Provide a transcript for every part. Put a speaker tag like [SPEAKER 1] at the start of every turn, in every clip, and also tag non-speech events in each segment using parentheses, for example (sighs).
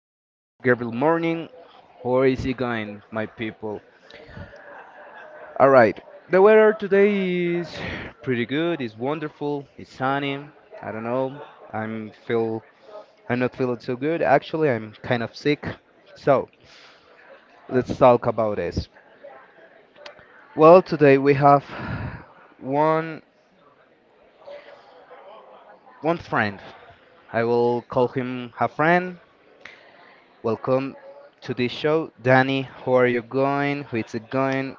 [SPEAKER 1] This is Gabriel Morning. How is it going, my people? All right, the weather today is pretty good. It's wonderful. It's sunny. I don't know. I'm feel I'm not feeling so good. Actually, I'm kind of sick. So let's talk about this. Well, today we have one one friend. I will call him a friend. Welcome to this show, Danny. How are you going? How is it going?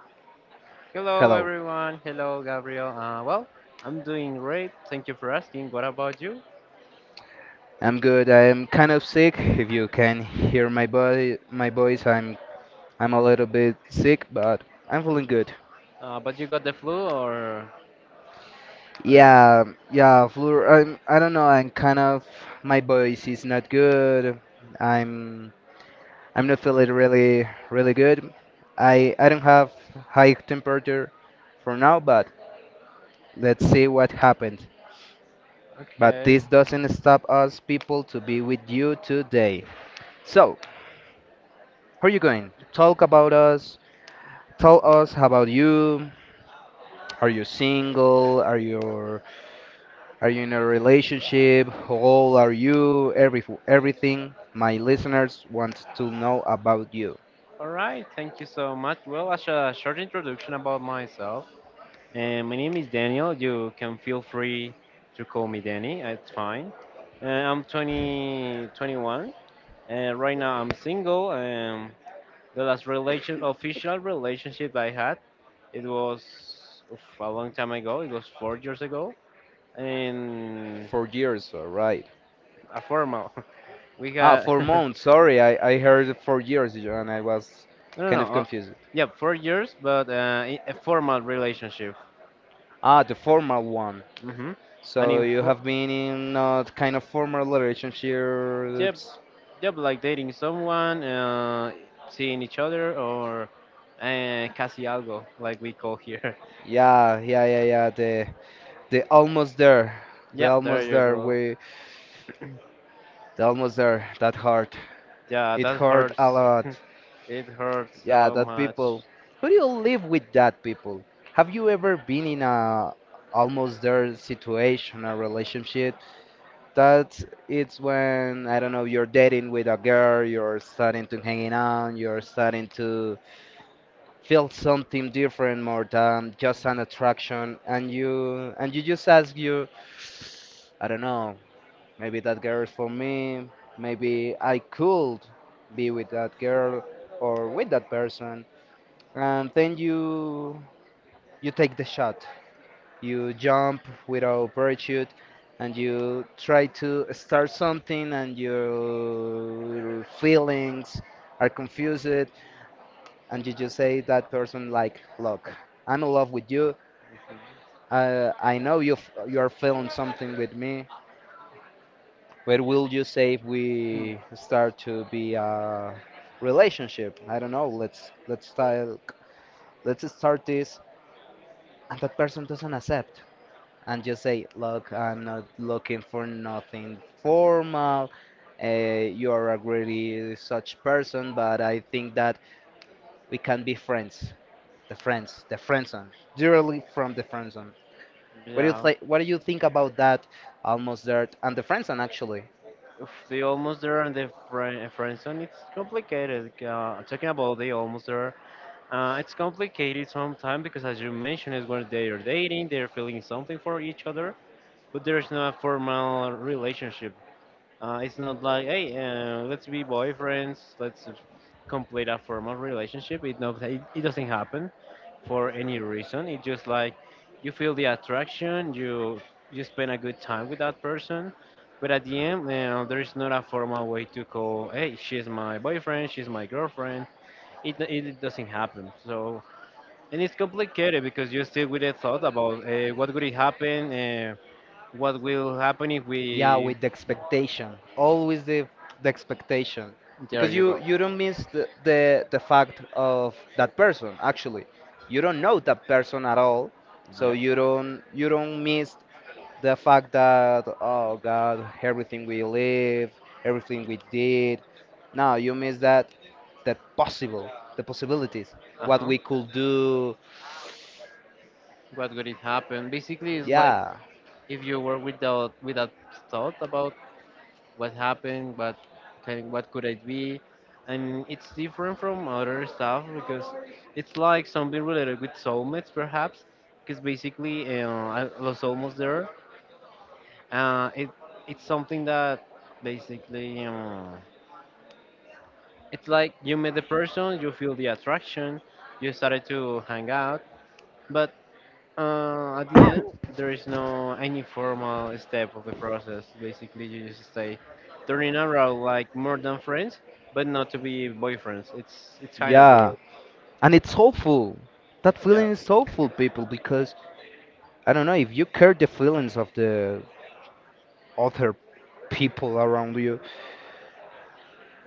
[SPEAKER 2] Hello,
[SPEAKER 1] Hello.
[SPEAKER 2] everyone. Hello, Gabriel. Well, I'm doing great. Thank you for asking. What about you?
[SPEAKER 1] I'm good. I'm kind of sick. If you can hear my body, my voice, I'm a little bit sick, but I'm feeling good.
[SPEAKER 2] But you got the flu, or
[SPEAKER 1] Yeah, yeah, flu. I don't know. I'm kind of my voice is not good. I'm I'm not feeling really good. I don't have high temperature for now, but let's see what happens. But
[SPEAKER 2] okay.
[SPEAKER 1] this doesn't stop us people to be with you today. So, how are you going? Talk about us. Tell us about you. Are you single? Are you in a relationship? How old are you? Everything my listeners want to know about you.
[SPEAKER 2] All right. Thank you so much. Well, as a short introduction about myself, my name is Daniel. You can feel free to call me Danny. It's fine. Uh, I'm 21. 21. And right now, I'm single. The last official relationship I had, it was a long time ago. It was 4 years ago in
[SPEAKER 1] 4 years, all right.
[SPEAKER 2] a formal. (laughs) We
[SPEAKER 1] Ah,
[SPEAKER 2] got (laughs)
[SPEAKER 1] four
[SPEAKER 2] no,
[SPEAKER 1] months. Sorry, I heard 4 years and I was
[SPEAKER 2] no,
[SPEAKER 1] kind of
[SPEAKER 2] no.
[SPEAKER 1] confused.
[SPEAKER 2] Yeah, 4 years, but a formal relationship.
[SPEAKER 1] Ah, the formal one.
[SPEAKER 2] Hmm. And
[SPEAKER 1] So
[SPEAKER 2] in
[SPEAKER 1] you
[SPEAKER 2] fo-
[SPEAKER 1] have been in kind of formal
[SPEAKER 2] yep,
[SPEAKER 1] relationships.
[SPEAKER 2] yep, like dating someone, seeing each other, or casi algo, like we call here.
[SPEAKER 1] Yeah, yeah, yeah, yeah. The almost there.
[SPEAKER 2] (laughs) Yeah,
[SPEAKER 1] The
[SPEAKER 2] there
[SPEAKER 1] almost
[SPEAKER 2] you
[SPEAKER 1] there.
[SPEAKER 2] go.
[SPEAKER 1] We They're almost there. That hurt.
[SPEAKER 2] Yeah,
[SPEAKER 1] It
[SPEAKER 2] that
[SPEAKER 1] hurt a
[SPEAKER 2] hurts.
[SPEAKER 1] lot.
[SPEAKER 2] (laughs) It hurts
[SPEAKER 1] Yeah,
[SPEAKER 2] so
[SPEAKER 1] that
[SPEAKER 2] much.
[SPEAKER 1] people. How do you live with that people? Have you ever been in a almost there situation, a relationship? That it's when I don't know. You're dating with a girl. You're starting to hanging out. You're starting to feel something different more than just an attraction. And you just ask you, I don't know. Maybe that girl is for me. Maybe I could be with that girl or with that person. And then you take the shot. You jump without parachute and you try to start something, and your feelings are confused, and you just say that person like, look, I'm in love with you.
[SPEAKER 2] Mhm.
[SPEAKER 1] I know you are feeling something with me. What will you say if we start to be a relationship? I don't know. Let's start this, and that person doesn't accept, and just say, "Look, I'm not looking for nothing formal. You are a really such person, but I think that we can be friends." The friends, the friend zone, directly from the friend zone. What do you
[SPEAKER 2] Yeah.
[SPEAKER 1] think? What do you think about that? Almost there, and the friend zone actually.
[SPEAKER 2] If they almost there and the friend zone, it's complicated. Talking about the almost there, it's complicated sometimes because, as you mentioned, is when they are dating, they're feeling something for each other, but there's no formal relationship. It's not like, hey, let's be boyfriends, let's complete a formal relationship. It, not, it doesn't happen for any reason. It's just like you feel the attraction, you spend a good time with that person, but at the end, there's not a formal way to call, hey, she's my boyfriend, she's my girlfriend. It doesn't happen. So and it's complicated because you stay with a thought about what would it happen, what will happen if
[SPEAKER 1] Yeah,
[SPEAKER 2] we.
[SPEAKER 1] with the expectation, always the expectation,
[SPEAKER 2] There
[SPEAKER 1] because
[SPEAKER 2] you
[SPEAKER 1] you
[SPEAKER 2] go.
[SPEAKER 1] you don't miss the fact of that person. Actually, you don't know that person at all, so
[SPEAKER 2] Yep.
[SPEAKER 1] you don't miss the fact that, oh God, everything we live, everything we did. No, you miss that possible, the possibilities,
[SPEAKER 2] Uh
[SPEAKER 1] what
[SPEAKER 2] huh.
[SPEAKER 1] we could do.
[SPEAKER 2] What would it happen? Basically, it's like
[SPEAKER 1] Yeah,
[SPEAKER 2] if you were without thought about what happened, what could it be, and it's different from other stuff because it's like something related with soulmates, perhaps. Because basically, I was almost there. It it's something that basically. It's like you meet the person, you feel the attraction, you started to hang out, but at the end, there is no any formal step of the process. Basically, you just stay turning around like more than friends, but not to be boyfriends. It's kind of
[SPEAKER 1] yeah,
[SPEAKER 2] weird.
[SPEAKER 1] and it's hopeful. That
[SPEAKER 2] Yeah,
[SPEAKER 1] feeling is hopeful, people, because I don't know if you care the feelings of the other people around you.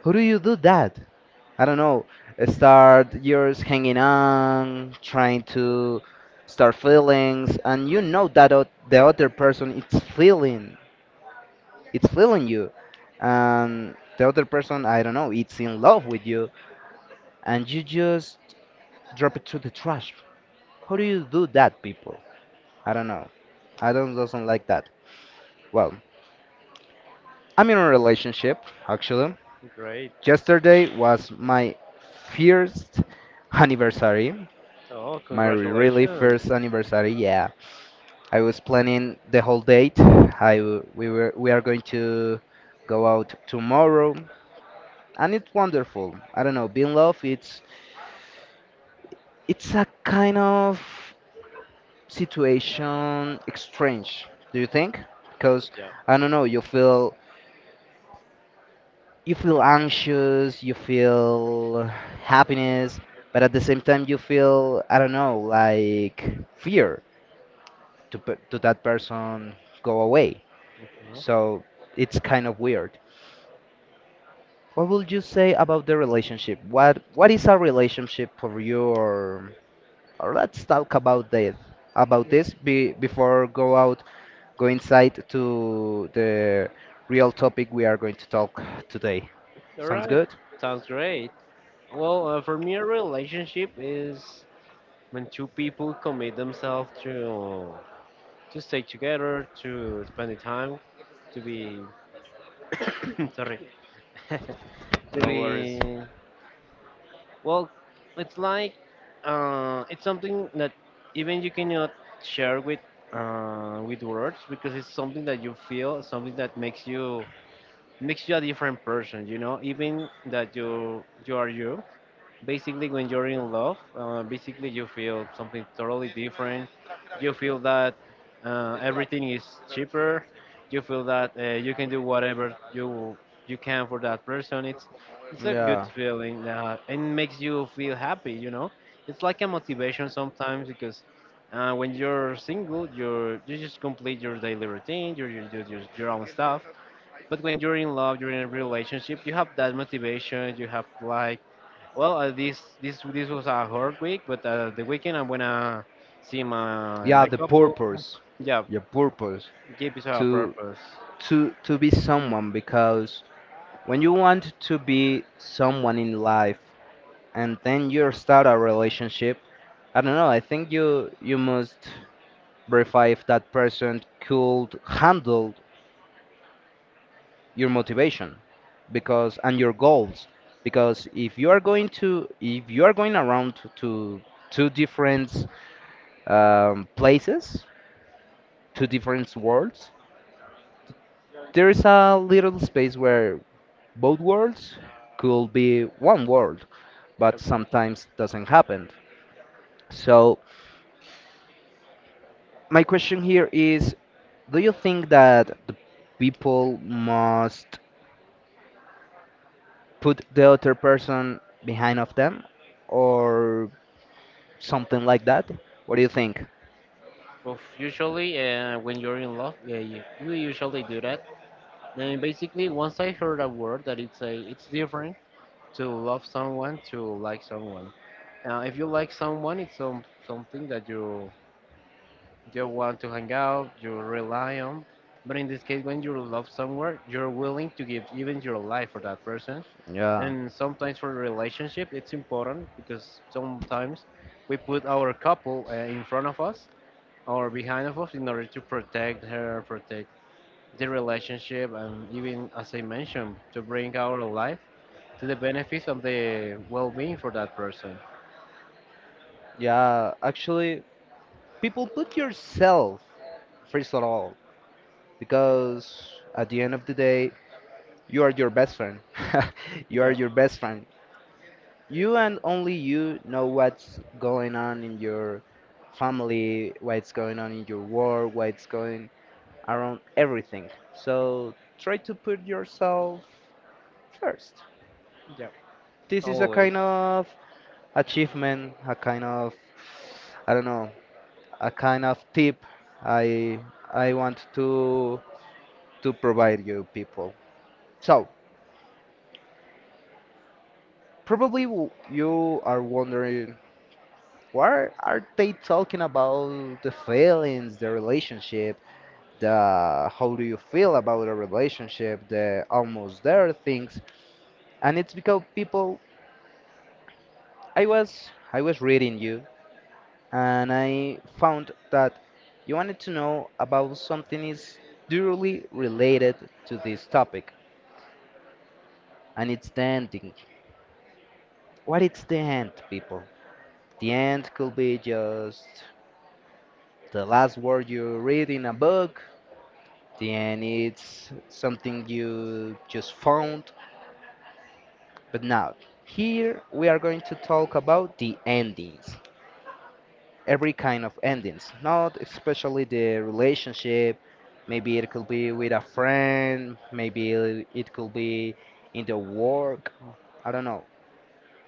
[SPEAKER 1] How do you do that? I don't know. Start yours hanging on, trying to start feelings, and you know that the other person it's feeling you, and the other person, I don't know, it's in love with you, and you just drop it to the trash. How do you do that, people? I don't know. I don't doesn't like that. Well, I'm in a relationship actually.
[SPEAKER 2] great.
[SPEAKER 1] Yesterday was my first anniversary,
[SPEAKER 2] Oh,
[SPEAKER 1] my really
[SPEAKER 2] congratulations.
[SPEAKER 1] first anniversary. Yeah, I was planning the whole date. I w- we were we are going to go out tomorrow, and it's wonderful. I don't know, being love, it's a kind of situation strange. Do you think? Because
[SPEAKER 2] Yeah.
[SPEAKER 1] I don't know, you feel anxious, you feel happiness, but at the same time you feel, I don't know, like fear to that person go away.
[SPEAKER 2] Mhm.
[SPEAKER 1] So it's kind of weird. What would you say about the relationship? What is a relationship for you? Or let's talk about that about this before go inside to the real topic we are going to talk today.
[SPEAKER 2] All
[SPEAKER 1] Sounds
[SPEAKER 2] right,
[SPEAKER 1] good?
[SPEAKER 2] sounds great. Well, for me, a relationship is when two people commit themselves to stay together, to spend the time, to be (coughs) sorry, (laughs) to
[SPEAKER 1] No worries.
[SPEAKER 2] be well. It's like it's something that even you cannot share with words because it's something that you feel, something that makes you a different person. You know, even that you are you, basically when you're in love basically you feel something totally different you feel that everything is cheaper you feel that you can do whatever you can for that person it's a good
[SPEAKER 1] Yeah.
[SPEAKER 2] feeling and makes you feel happy. It's like a motivation sometimes because when you're single you just complete your daily routine you do your own stuff but when you're in love you're in a relationship you have that motivation you have like well, this was a hard week, but the weekend I'm gonna see my
[SPEAKER 1] Yeah,
[SPEAKER 2] my
[SPEAKER 1] the
[SPEAKER 2] couple.
[SPEAKER 1] purpose,
[SPEAKER 2] Yeah,
[SPEAKER 1] your purpose
[SPEAKER 2] give it a
[SPEAKER 1] to
[SPEAKER 2] purpose.
[SPEAKER 1] to be someone, because when you want to be someone in life and then you start a relationship, I don't know, I think you must verify if that person could handle your motivation, because and your goals, because if you are going to if you are going around to two different places, two different worlds, there is a little space where both worlds could be one world, but
[SPEAKER 2] Yep.
[SPEAKER 1] sometimes doesn't happen. So my question here is, do you think that the people must put the other person behind of them, or something like that? What do you think?
[SPEAKER 2] Well, usually, when you're in love, yeah, you usually do that. And basically, once I heard a word that it's different to love someone to like someone. If you like someone, it's something that you want to hang out, you rely on. But in this case, when you love someone, you're willing to give even your life for that person.
[SPEAKER 1] Yeah,
[SPEAKER 2] And sometimes for relationship it's important because sometimes we put our couple in front of us or behind of us in order to protect the relationship and even as I mentioned to bring our life to the benefits and the well-being for that person.
[SPEAKER 1] yeah. Actually, people put yourself first of all, because at the end of the day, you are your best friend. (laughs) You are
[SPEAKER 2] Yeah,
[SPEAKER 1] your best friend. You and only you know what's going on in your family, what's going on in your world, what's going around everything. So try to put yourself first.
[SPEAKER 2] yeah.
[SPEAKER 1] This is a
[SPEAKER 2] Always.
[SPEAKER 1] kind of achievement, a kind of, I don't know, a kind of tip I I want to provide you people. So, you are wondering, why are they talking about the feelings, the relationship, the how do you feel about a relationship, the almost there things? And it's because people, I was reading you, and I found that you wanted to know about something is directly related to this topic, and it's the ending. What is the end, people? The end could be just the last word you read in a book, then it's something you just found. But now, here we are going to talk about the endings, every kind of endings, not especially the relationship. Maybe it could be with a friend, maybe it could be in the work, I don't know,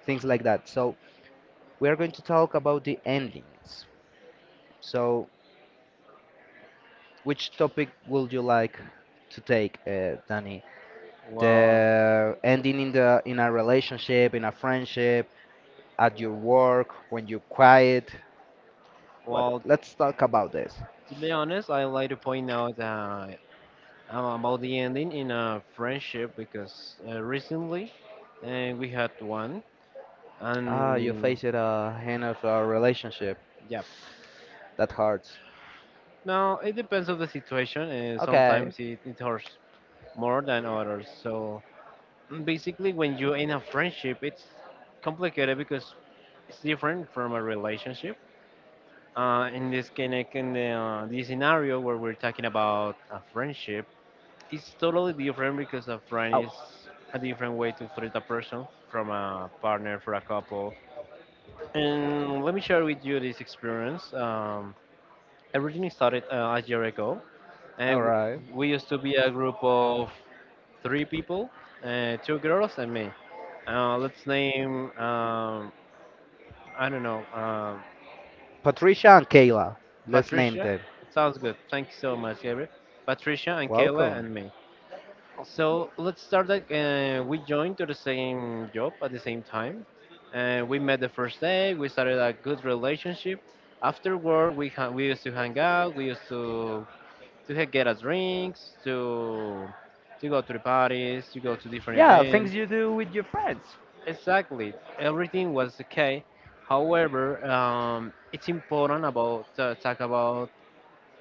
[SPEAKER 1] things like that. So, we are going to talk about the endings. So, which topic would you like to take, Danny?
[SPEAKER 2] well
[SPEAKER 1] The ending in the in a relationship, in a friendship, at your work, when you quiet. What?
[SPEAKER 2] well,
[SPEAKER 1] Let's talk about this.
[SPEAKER 2] to be honest, I like to point out about the ending in a friendship because recently, we had one
[SPEAKER 1] Ah, you
[SPEAKER 2] and
[SPEAKER 1] face it end of a relationship
[SPEAKER 2] yeah.
[SPEAKER 1] that hurts.
[SPEAKER 2] Now it depends on the situation and
[SPEAKER 1] Okay.
[SPEAKER 2] sometimes it hurts more than others, so basically when you're in a friendship it's complicated because it's different from a relationship, in this kind of, the scenario where we're talking about a friendship it's totally different because a
[SPEAKER 1] Oh,
[SPEAKER 2] friend is a different way to treat a person from a partner for a couple. And let me share with you this experience. Everything started a year ago. And
[SPEAKER 1] all
[SPEAKER 2] w-
[SPEAKER 1] right.
[SPEAKER 2] we used to be a group of three people, two girls and me. Let's name, I don't know,
[SPEAKER 1] Patricia and Kayla. Let's name
[SPEAKER 2] Patricia.
[SPEAKER 1] them.
[SPEAKER 2] Sounds good. Thank you so much, Gabriel. Patricia and Kayla
[SPEAKER 1] Welcome.
[SPEAKER 2] and me. So let's start that. We joined to the same job at the same time. We met the first day. We started a good relationship. Afterward, we used to hang out. We used get us drinks, to go to the parties, to go to different
[SPEAKER 1] Yeah, things
[SPEAKER 2] events.
[SPEAKER 1] you do with your friends.
[SPEAKER 2] Exactly, everything was okay. However, it's important about talk about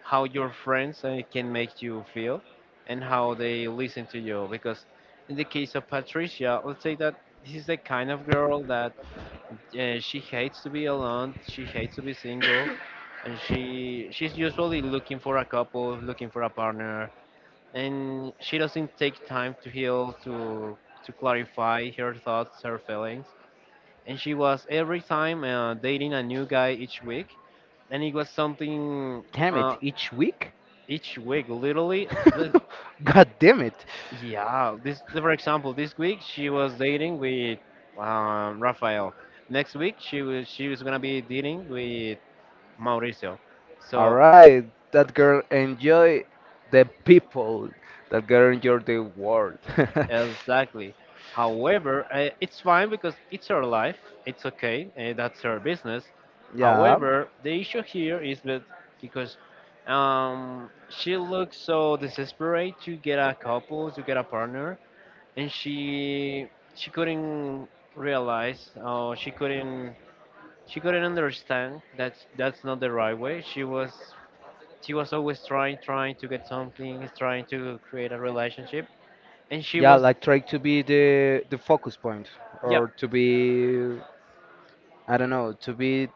[SPEAKER 2] how your friends can make you feel and how they listen to you. Because in the case of Patricia, let's say that this is the kind of girl that she hates to be alone. She hates to be single (coughs) and she's usually looking for a couple, looking for a partner, and she doesn't take time to heal to clarify her thoughts her feelings, and she was every time dating a new guy each week, and it was something.
[SPEAKER 1] Damn
[SPEAKER 2] uh,
[SPEAKER 1] it, each week?
[SPEAKER 2] each week literally, the,
[SPEAKER 1] (laughs) God damn it.
[SPEAKER 2] yeah, this for example, this week she was dating with Rafael, next week she was gonna be dating with Mauricio,
[SPEAKER 1] All
[SPEAKER 2] so.
[SPEAKER 1] right, that girl enjoy the people. That girl enjoy the world.
[SPEAKER 2] Exactly. However, it's fine because it's her life. It's okay. That's her business.
[SPEAKER 1] (laughs) Yeah,
[SPEAKER 2] However, the issue here is that because she looks so desperate to get a couple, to get a partner, and she couldn't realize, or she couldn't understand that that's not the right way. She was always trying to get something, trying to create a relationship, and she
[SPEAKER 1] yeah,
[SPEAKER 2] was
[SPEAKER 1] like try to be the focus point,
[SPEAKER 2] yeah.
[SPEAKER 1] or to be, I don't know, to be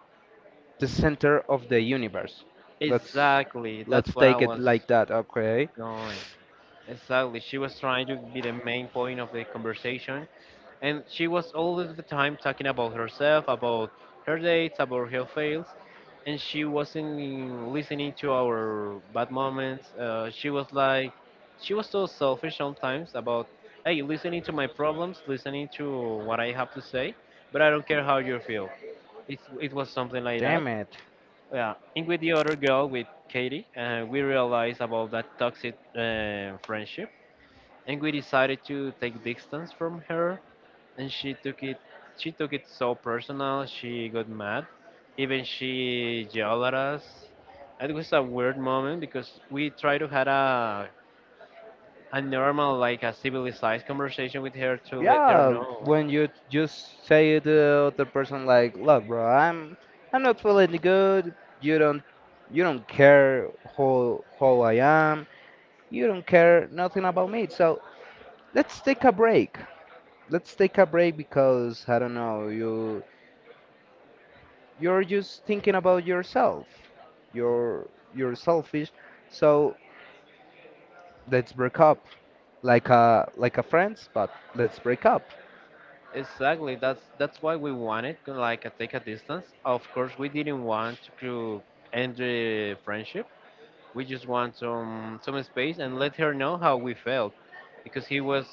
[SPEAKER 1] the center of the universe. Let's
[SPEAKER 2] Exactly, that's
[SPEAKER 1] let's
[SPEAKER 2] what I
[SPEAKER 1] take it
[SPEAKER 2] was
[SPEAKER 1] like that. Okay.
[SPEAKER 2] going. Exactly, she was trying to be the main point of the conversation, and she was all of the time talking about herself, about her dates, about her fails, and she wasn't listening to our bad moments. She was like, she was so selfish sometimes about, hey, listening to my problems, listening to what I have to say, but I don't care how you feel. It was something like that.
[SPEAKER 1] Damn it.
[SPEAKER 2] Yeah, and with the other girl, with Katie, we realized about that toxic friendship, and we decided to take distance from her. And she took it so personal. She got mad, even she yelled at us. It was a weird moment because we tried to had a normal, like a civilized conversation with her to let her
[SPEAKER 1] Yeah,
[SPEAKER 2] know.
[SPEAKER 1] when you just say to the other person like, "Look, bro, I'm not feeling good. You don't you don't care how I am. You don't care nothing about me. So let's take a break. Let's take a break because I don't know, you you're just thinking about yourself. You're you're selfish. So let's break up, like a friends, but let's break up."
[SPEAKER 2] Exactly. That's why we wanted to like take a distance. Of course, we didn't want to end the friendship. We just want some space and let her know how we felt, because he was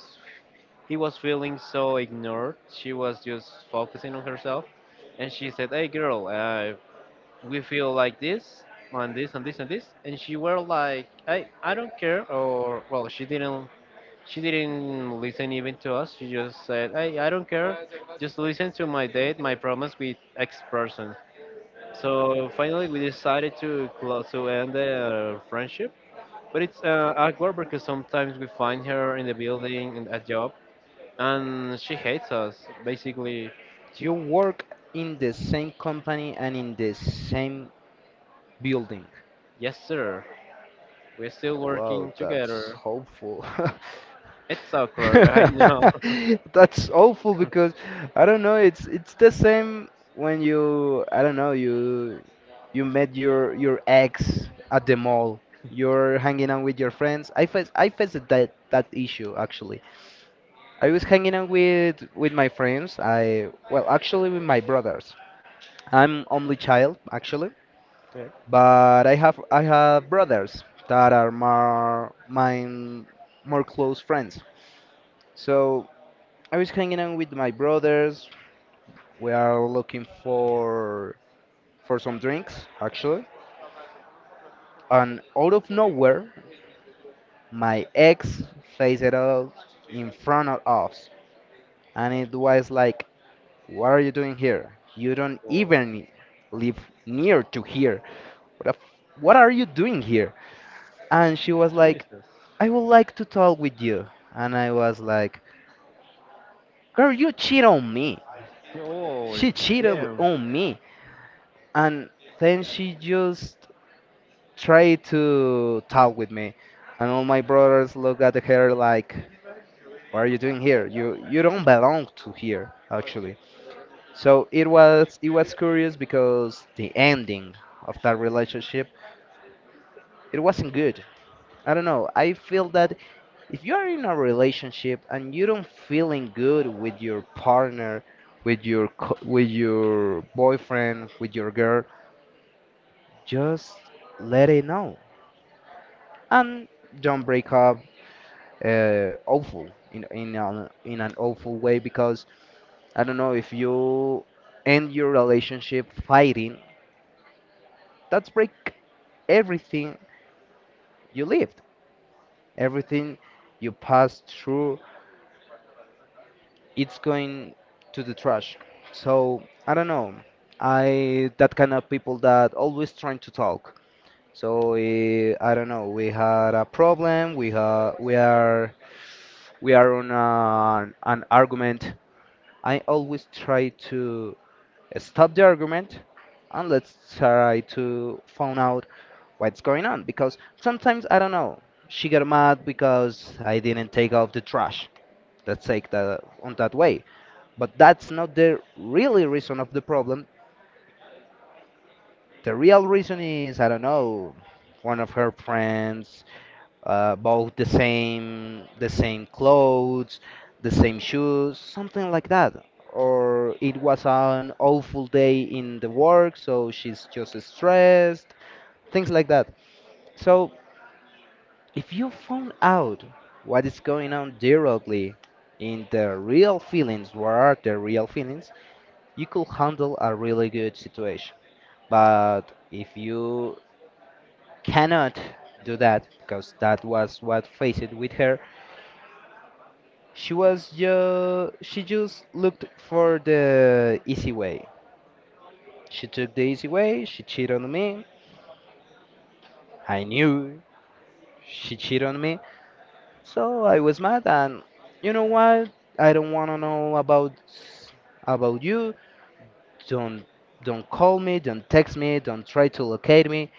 [SPEAKER 2] he was feeling so ignored. She was just focusing on herself, and she said, "Hey, girl, we feel like this. On this and this and this," and she were like, "I don't care," or well, she didn't listen even to us. She just said, "Hey, I don't care. Just listen to my date, my promise with X person." So finally, we decided to close to end the friendship. But it's awkward because sometimes we find her in the building and at job, and she hates us. Basically, she,
[SPEAKER 1] You work in the same company and in the same building.
[SPEAKER 2] yes sir, we're still
[SPEAKER 1] Wow,
[SPEAKER 2] working
[SPEAKER 1] that's
[SPEAKER 2] together.
[SPEAKER 1] hopeful. (laughs)
[SPEAKER 2] It's awkward, I know.
[SPEAKER 1] (laughs)
[SPEAKER 2] (laughs)
[SPEAKER 1] That's awful because I don't know, it's the same when you, I don't know, you met your ex at the mall. You're hanging out with your friends. I faced that issue actually. I was hanging out with my friends. I well, actually with my brothers. I'm only child actually,
[SPEAKER 2] Yeah.
[SPEAKER 1] but I have brothers that are more mine, more close friends. So I was hanging out with my brothers. We are looking for some drinks actually, and out of nowhere, my ex faced it out in front of us, and it was like, "What are you doing here? You don't
[SPEAKER 2] Oh,
[SPEAKER 1] even live near to here. What are you doing here?" And she was like,
[SPEAKER 2] Jesus.
[SPEAKER 1] "I would like to talk with you." And I was like, girl, you cheat on me.
[SPEAKER 2] Oh
[SPEAKER 1] She cheated
[SPEAKER 2] damn.
[SPEAKER 1] on me. And then she just tried to talk with me. And all my brothers look at her like, what are you doing here? You don't belong to here, actually. So it was curious because the ending of that relationship, it wasn't good. I don't know. I feel that if you are in a relationship and you don't feeling good with your partner, with your with your boyfriend, with your girl, just let it know and don't break up awful in in an awful way, because I don't know, if you end your relationship fighting, that's break everything you lived, everything you passed through, it's going to the trash. So I don't know. I that kind of people that always trying to talk. So I don't know. We had a problem. We are on an argument. I always try to stop the argument and let's try to find out what's going on, because sometimes I don't know. She got mad because I didn't take off the trash. Let's take that on that way. But that's not the really reason of the problem. The real reason is, I don't know, one of her friends bought the same clothes, the same shoes, something like that. Or it was an awful day in the work, so she's just stressed, things like that. So if you found out what is going on directly in the real feelings, what are the real feelings, you could handle a really good situation. But if you cannot do that, because that was what faced with her, she just looked for the easy way. She took the easy way, she cheated on me. I knew she cheated on me. So I was mad and you know what? I don't wanna know about s- About you. Don't don't call me, don't text me, don't try to locate me,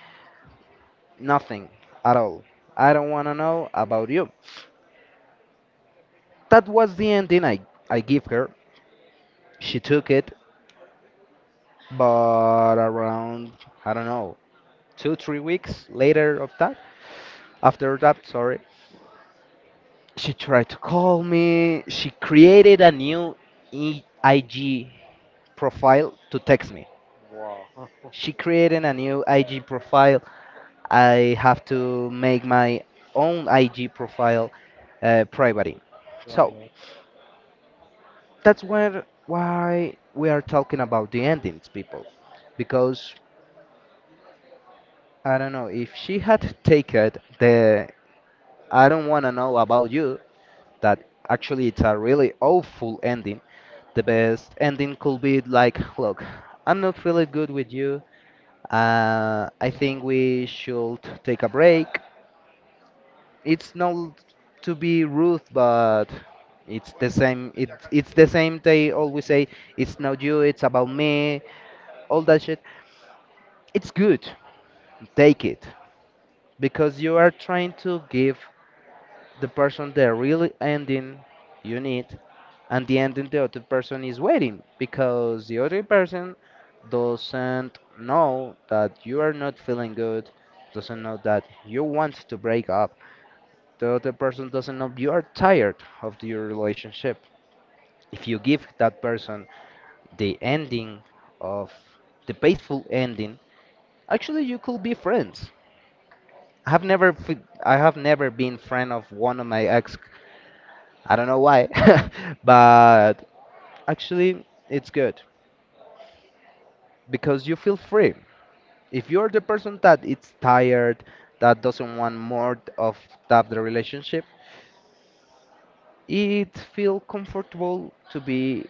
[SPEAKER 1] nothing at all. I don't wanna know about you. That was the ending I give her. She took it, but around, I don't know, two, 3 weeks later of that, after that, sorry, she tried to call me. She created a new IG profile to text me.
[SPEAKER 2] Wow.
[SPEAKER 1] She
[SPEAKER 2] (laughs)
[SPEAKER 1] created a new IG profile. I have to make my own IG profile private. So
[SPEAKER 2] Right.
[SPEAKER 1] that's where why we are talking about the endings, people, because I don't know if she had taken the "I don't want to know about you," that actually it's a really awful ending. The best ending could be like, look, I'm not feeling good with you. I think we should take a break. It's not to be rude, but it's the same. It's the same. They always say it's not you, it's about me. All that shit. It's good. Take it, because you are trying to give the person the real ending you need, and the ending the other person is waiting, because the other person doesn't know that you are not feeling good, doesn't know that you want to break up, the other person doesn't know you are tired of your relationship. If you give that person the ending of the peaceful ending, actually you could be friends. i have never fe- I have never been friend of one of my ex. I don't know why, (laughs) but actually it's good because you feel free. If you're the person that it's tired, that doesn't want more of that the relationship, it feel comfortable to be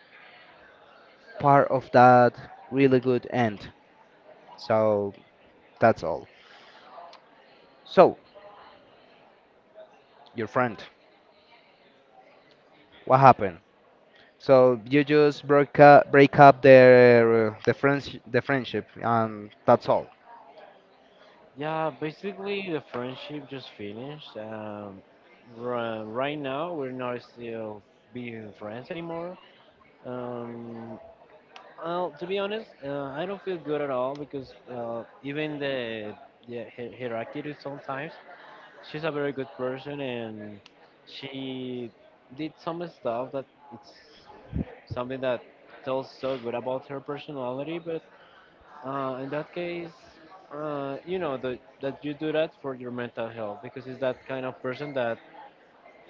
[SPEAKER 1] part of that really good end. So that's all. So your friend, what happened? So you just break up the friends the friendship, and that's all.
[SPEAKER 2] Yeah, basically the friendship just finished. Right now, we're not still being friends anymore. Um, well, to be honest, I don't feel good at all because even the hierarchy sometimes she's a very good person and she did some stuff that it's something that tells so good about her personality, but in that case, you know that you do that for your mental health because it's that kind of person that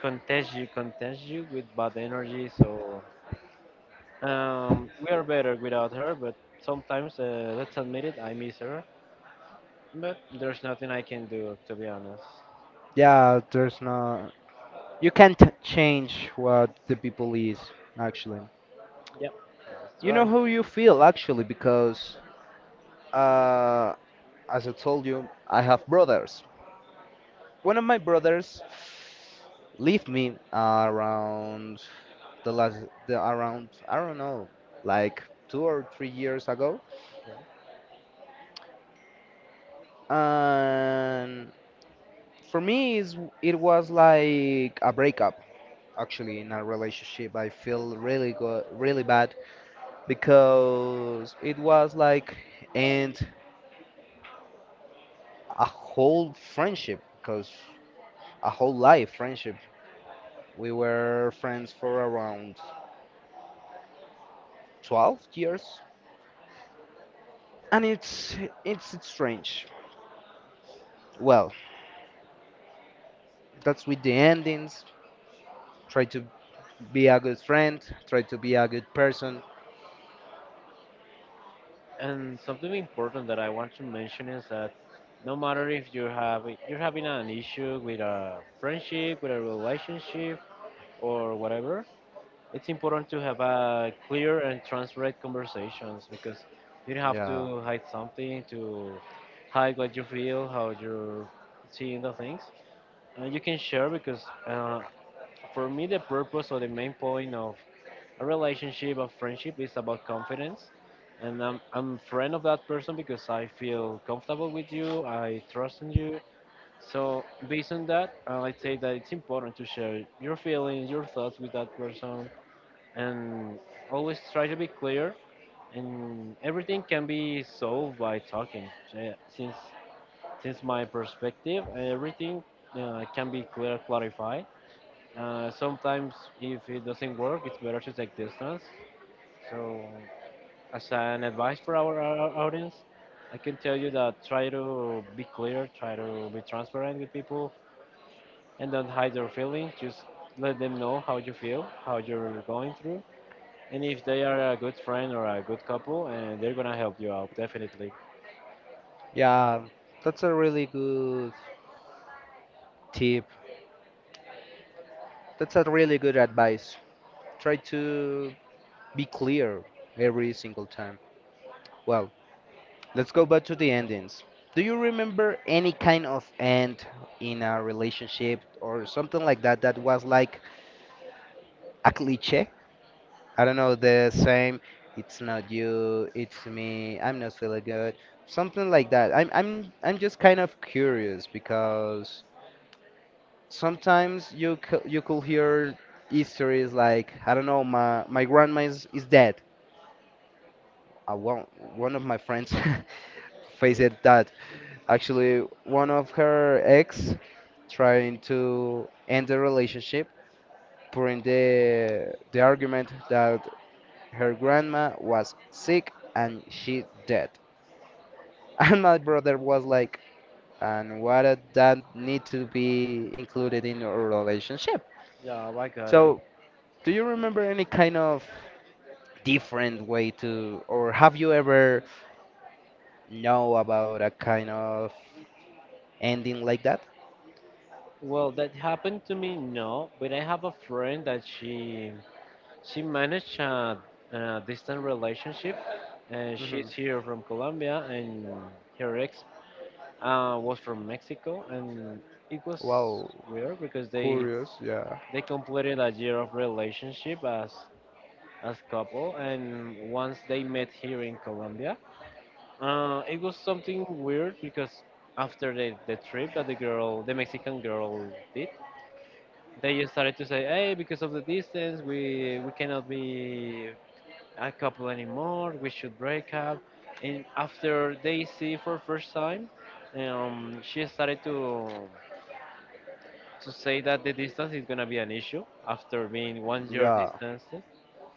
[SPEAKER 2] contagious you with bad energy. So we are better without her, but sometimes let's admit it, I miss her. But there's nothing I can do, to be honest.
[SPEAKER 1] Yeah, there's no. You can't change what the people is actually.
[SPEAKER 2] Yep, that's
[SPEAKER 1] You know
[SPEAKER 2] right.
[SPEAKER 1] how you feel actually, because uh, as I told you, I have brothers. One of my brothers left me around the around, I don't know, like 2 or 3 years ago,
[SPEAKER 2] Yeah.
[SPEAKER 1] and for me it's, it was like a breakup actually in a relationship. I feel really go really bad, because it was like, and a whole friendship, because a whole life friendship, we were friends for around 12 years, and it's strange. Well, that's with the endings. Try to be a good friend, try to be a good person.
[SPEAKER 2] And something important that I want to mention is that no matter if you're having an issue with a friendship, with a relationship, or whatever, it's important to have a clear and transparent conversations because you don't have
[SPEAKER 1] Yeah,
[SPEAKER 2] to hide something to hide what you feel, how you're seeing the things. You can share because for me the purpose or the main point of a relationship of friendship is about confidence, and I'm friend of that person because I feel comfortable with you, I trust in you. So based on that, I'd say that it's important to share your feelings your thoughts with that person, and always try to be clear, and everything can be solved by talking. Since my perspective everything can be clear clarified. Sometimes if it doesn't work it's better to take distance, so as an advice for our audience, I can tell you that try to be clear, try to be transparent with people, and don't hide your feelings, just let them know how you feel, how you're going through, and if they are a good friend or a good couple, and they're gonna help you out definitely.
[SPEAKER 1] yeah, that's a really good tip, that's a really good advice. Try to be clear every single time. Well, let's go back to the endings. Do you remember any kind of end in a relationship or something like that that was like a cliche? I don't know, the same, it's not you, it's me, I'm not feeling good, something like that. I'm just kind of curious, because sometimes you could hear histories like, I don't know, my grandma is dead. One one of my friends (laughs) faced
[SPEAKER 2] Okay.
[SPEAKER 1] that. Actually, one of her ex trying to end the relationship, putting the argument that her grandma was sick and she dead. (laughs) And my brother was like, and why did that need to be included in your relationship?
[SPEAKER 2] Yeah, I got it.
[SPEAKER 1] So, do you remember any kind of different way to, or have you ever know about a kind of ending like that?
[SPEAKER 2] Well, that happened to me, no, but I have a friend that she managed a distant relationship, and
[SPEAKER 1] Hmm.
[SPEAKER 2] she's here from Colombia, and her ex was from Mexico, and it was
[SPEAKER 1] Wow,
[SPEAKER 2] weird because they
[SPEAKER 1] curious. Yeah,
[SPEAKER 2] they completed a year of relationship as couple, and once they met here in Colombia. It was something weird because after the trip that the Mexican girl did, they just started to say, "Hey, because of the distance, we cannot be a couple anymore. We should break up." And after they see for first time, she started to say that the distance is gonna be an issue after being 1 year
[SPEAKER 1] yeah.
[SPEAKER 2] distance.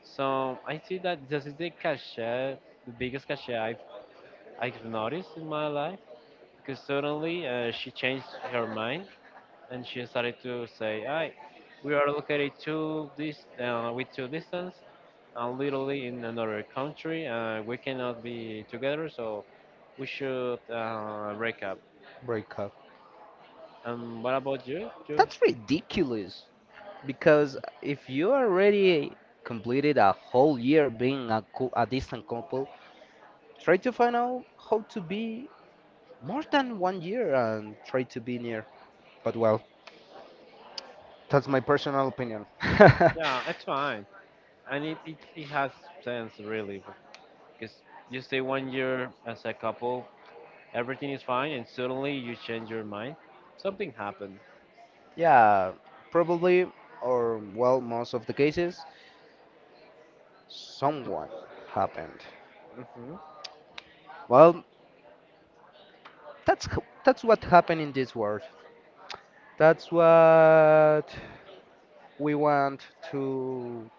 [SPEAKER 2] So I see that this is the cachet, the biggest cachet I've noticed in my life because suddenly she changed her mind and she started to say, We are located to this, with two distance, and literally in another country. We cannot be together, so we should break up."
[SPEAKER 1] Breakup.
[SPEAKER 2] What about you? You?
[SPEAKER 1] That's ridiculous. Because if you already completed a whole year being a distant couple, try to find out how to be more than 1 year and try to be near. But well, that's my personal opinion.
[SPEAKER 2] Yeah,
[SPEAKER 1] (laughs)
[SPEAKER 2] it's fine, and it has sense really, because you stay 1 year as a couple, everything is fine, and suddenly you change your mind. Something happened.
[SPEAKER 1] Yeah, probably, or well, most of the cases, someone happened.
[SPEAKER 2] Hmm.
[SPEAKER 1] Well, that's what happened in this world. That's what we want to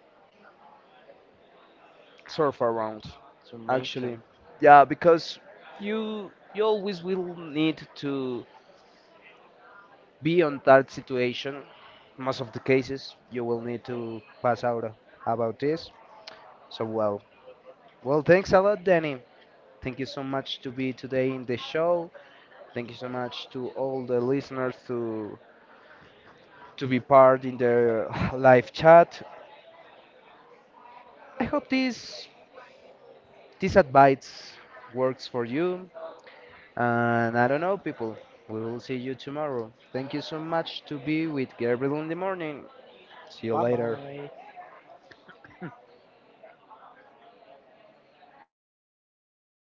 [SPEAKER 1] surf around.
[SPEAKER 2] To
[SPEAKER 1] Actually,
[SPEAKER 2] mention.
[SPEAKER 1] yeah, because you always will need to be on that situation. Most of the cases, you will need to pass out about this. So well, well, thanks a lot, Danny. Thank you so much to be today in the show. Thank you so much to all the listeners to be part in the (laughs) (sighs) live chat. I hope this this advice works for you. And I don't know, people. We will see you tomorrow. Thank you so much to be with Gabriel in the morning. See you
[SPEAKER 2] Bye
[SPEAKER 1] later.
[SPEAKER 2] bye.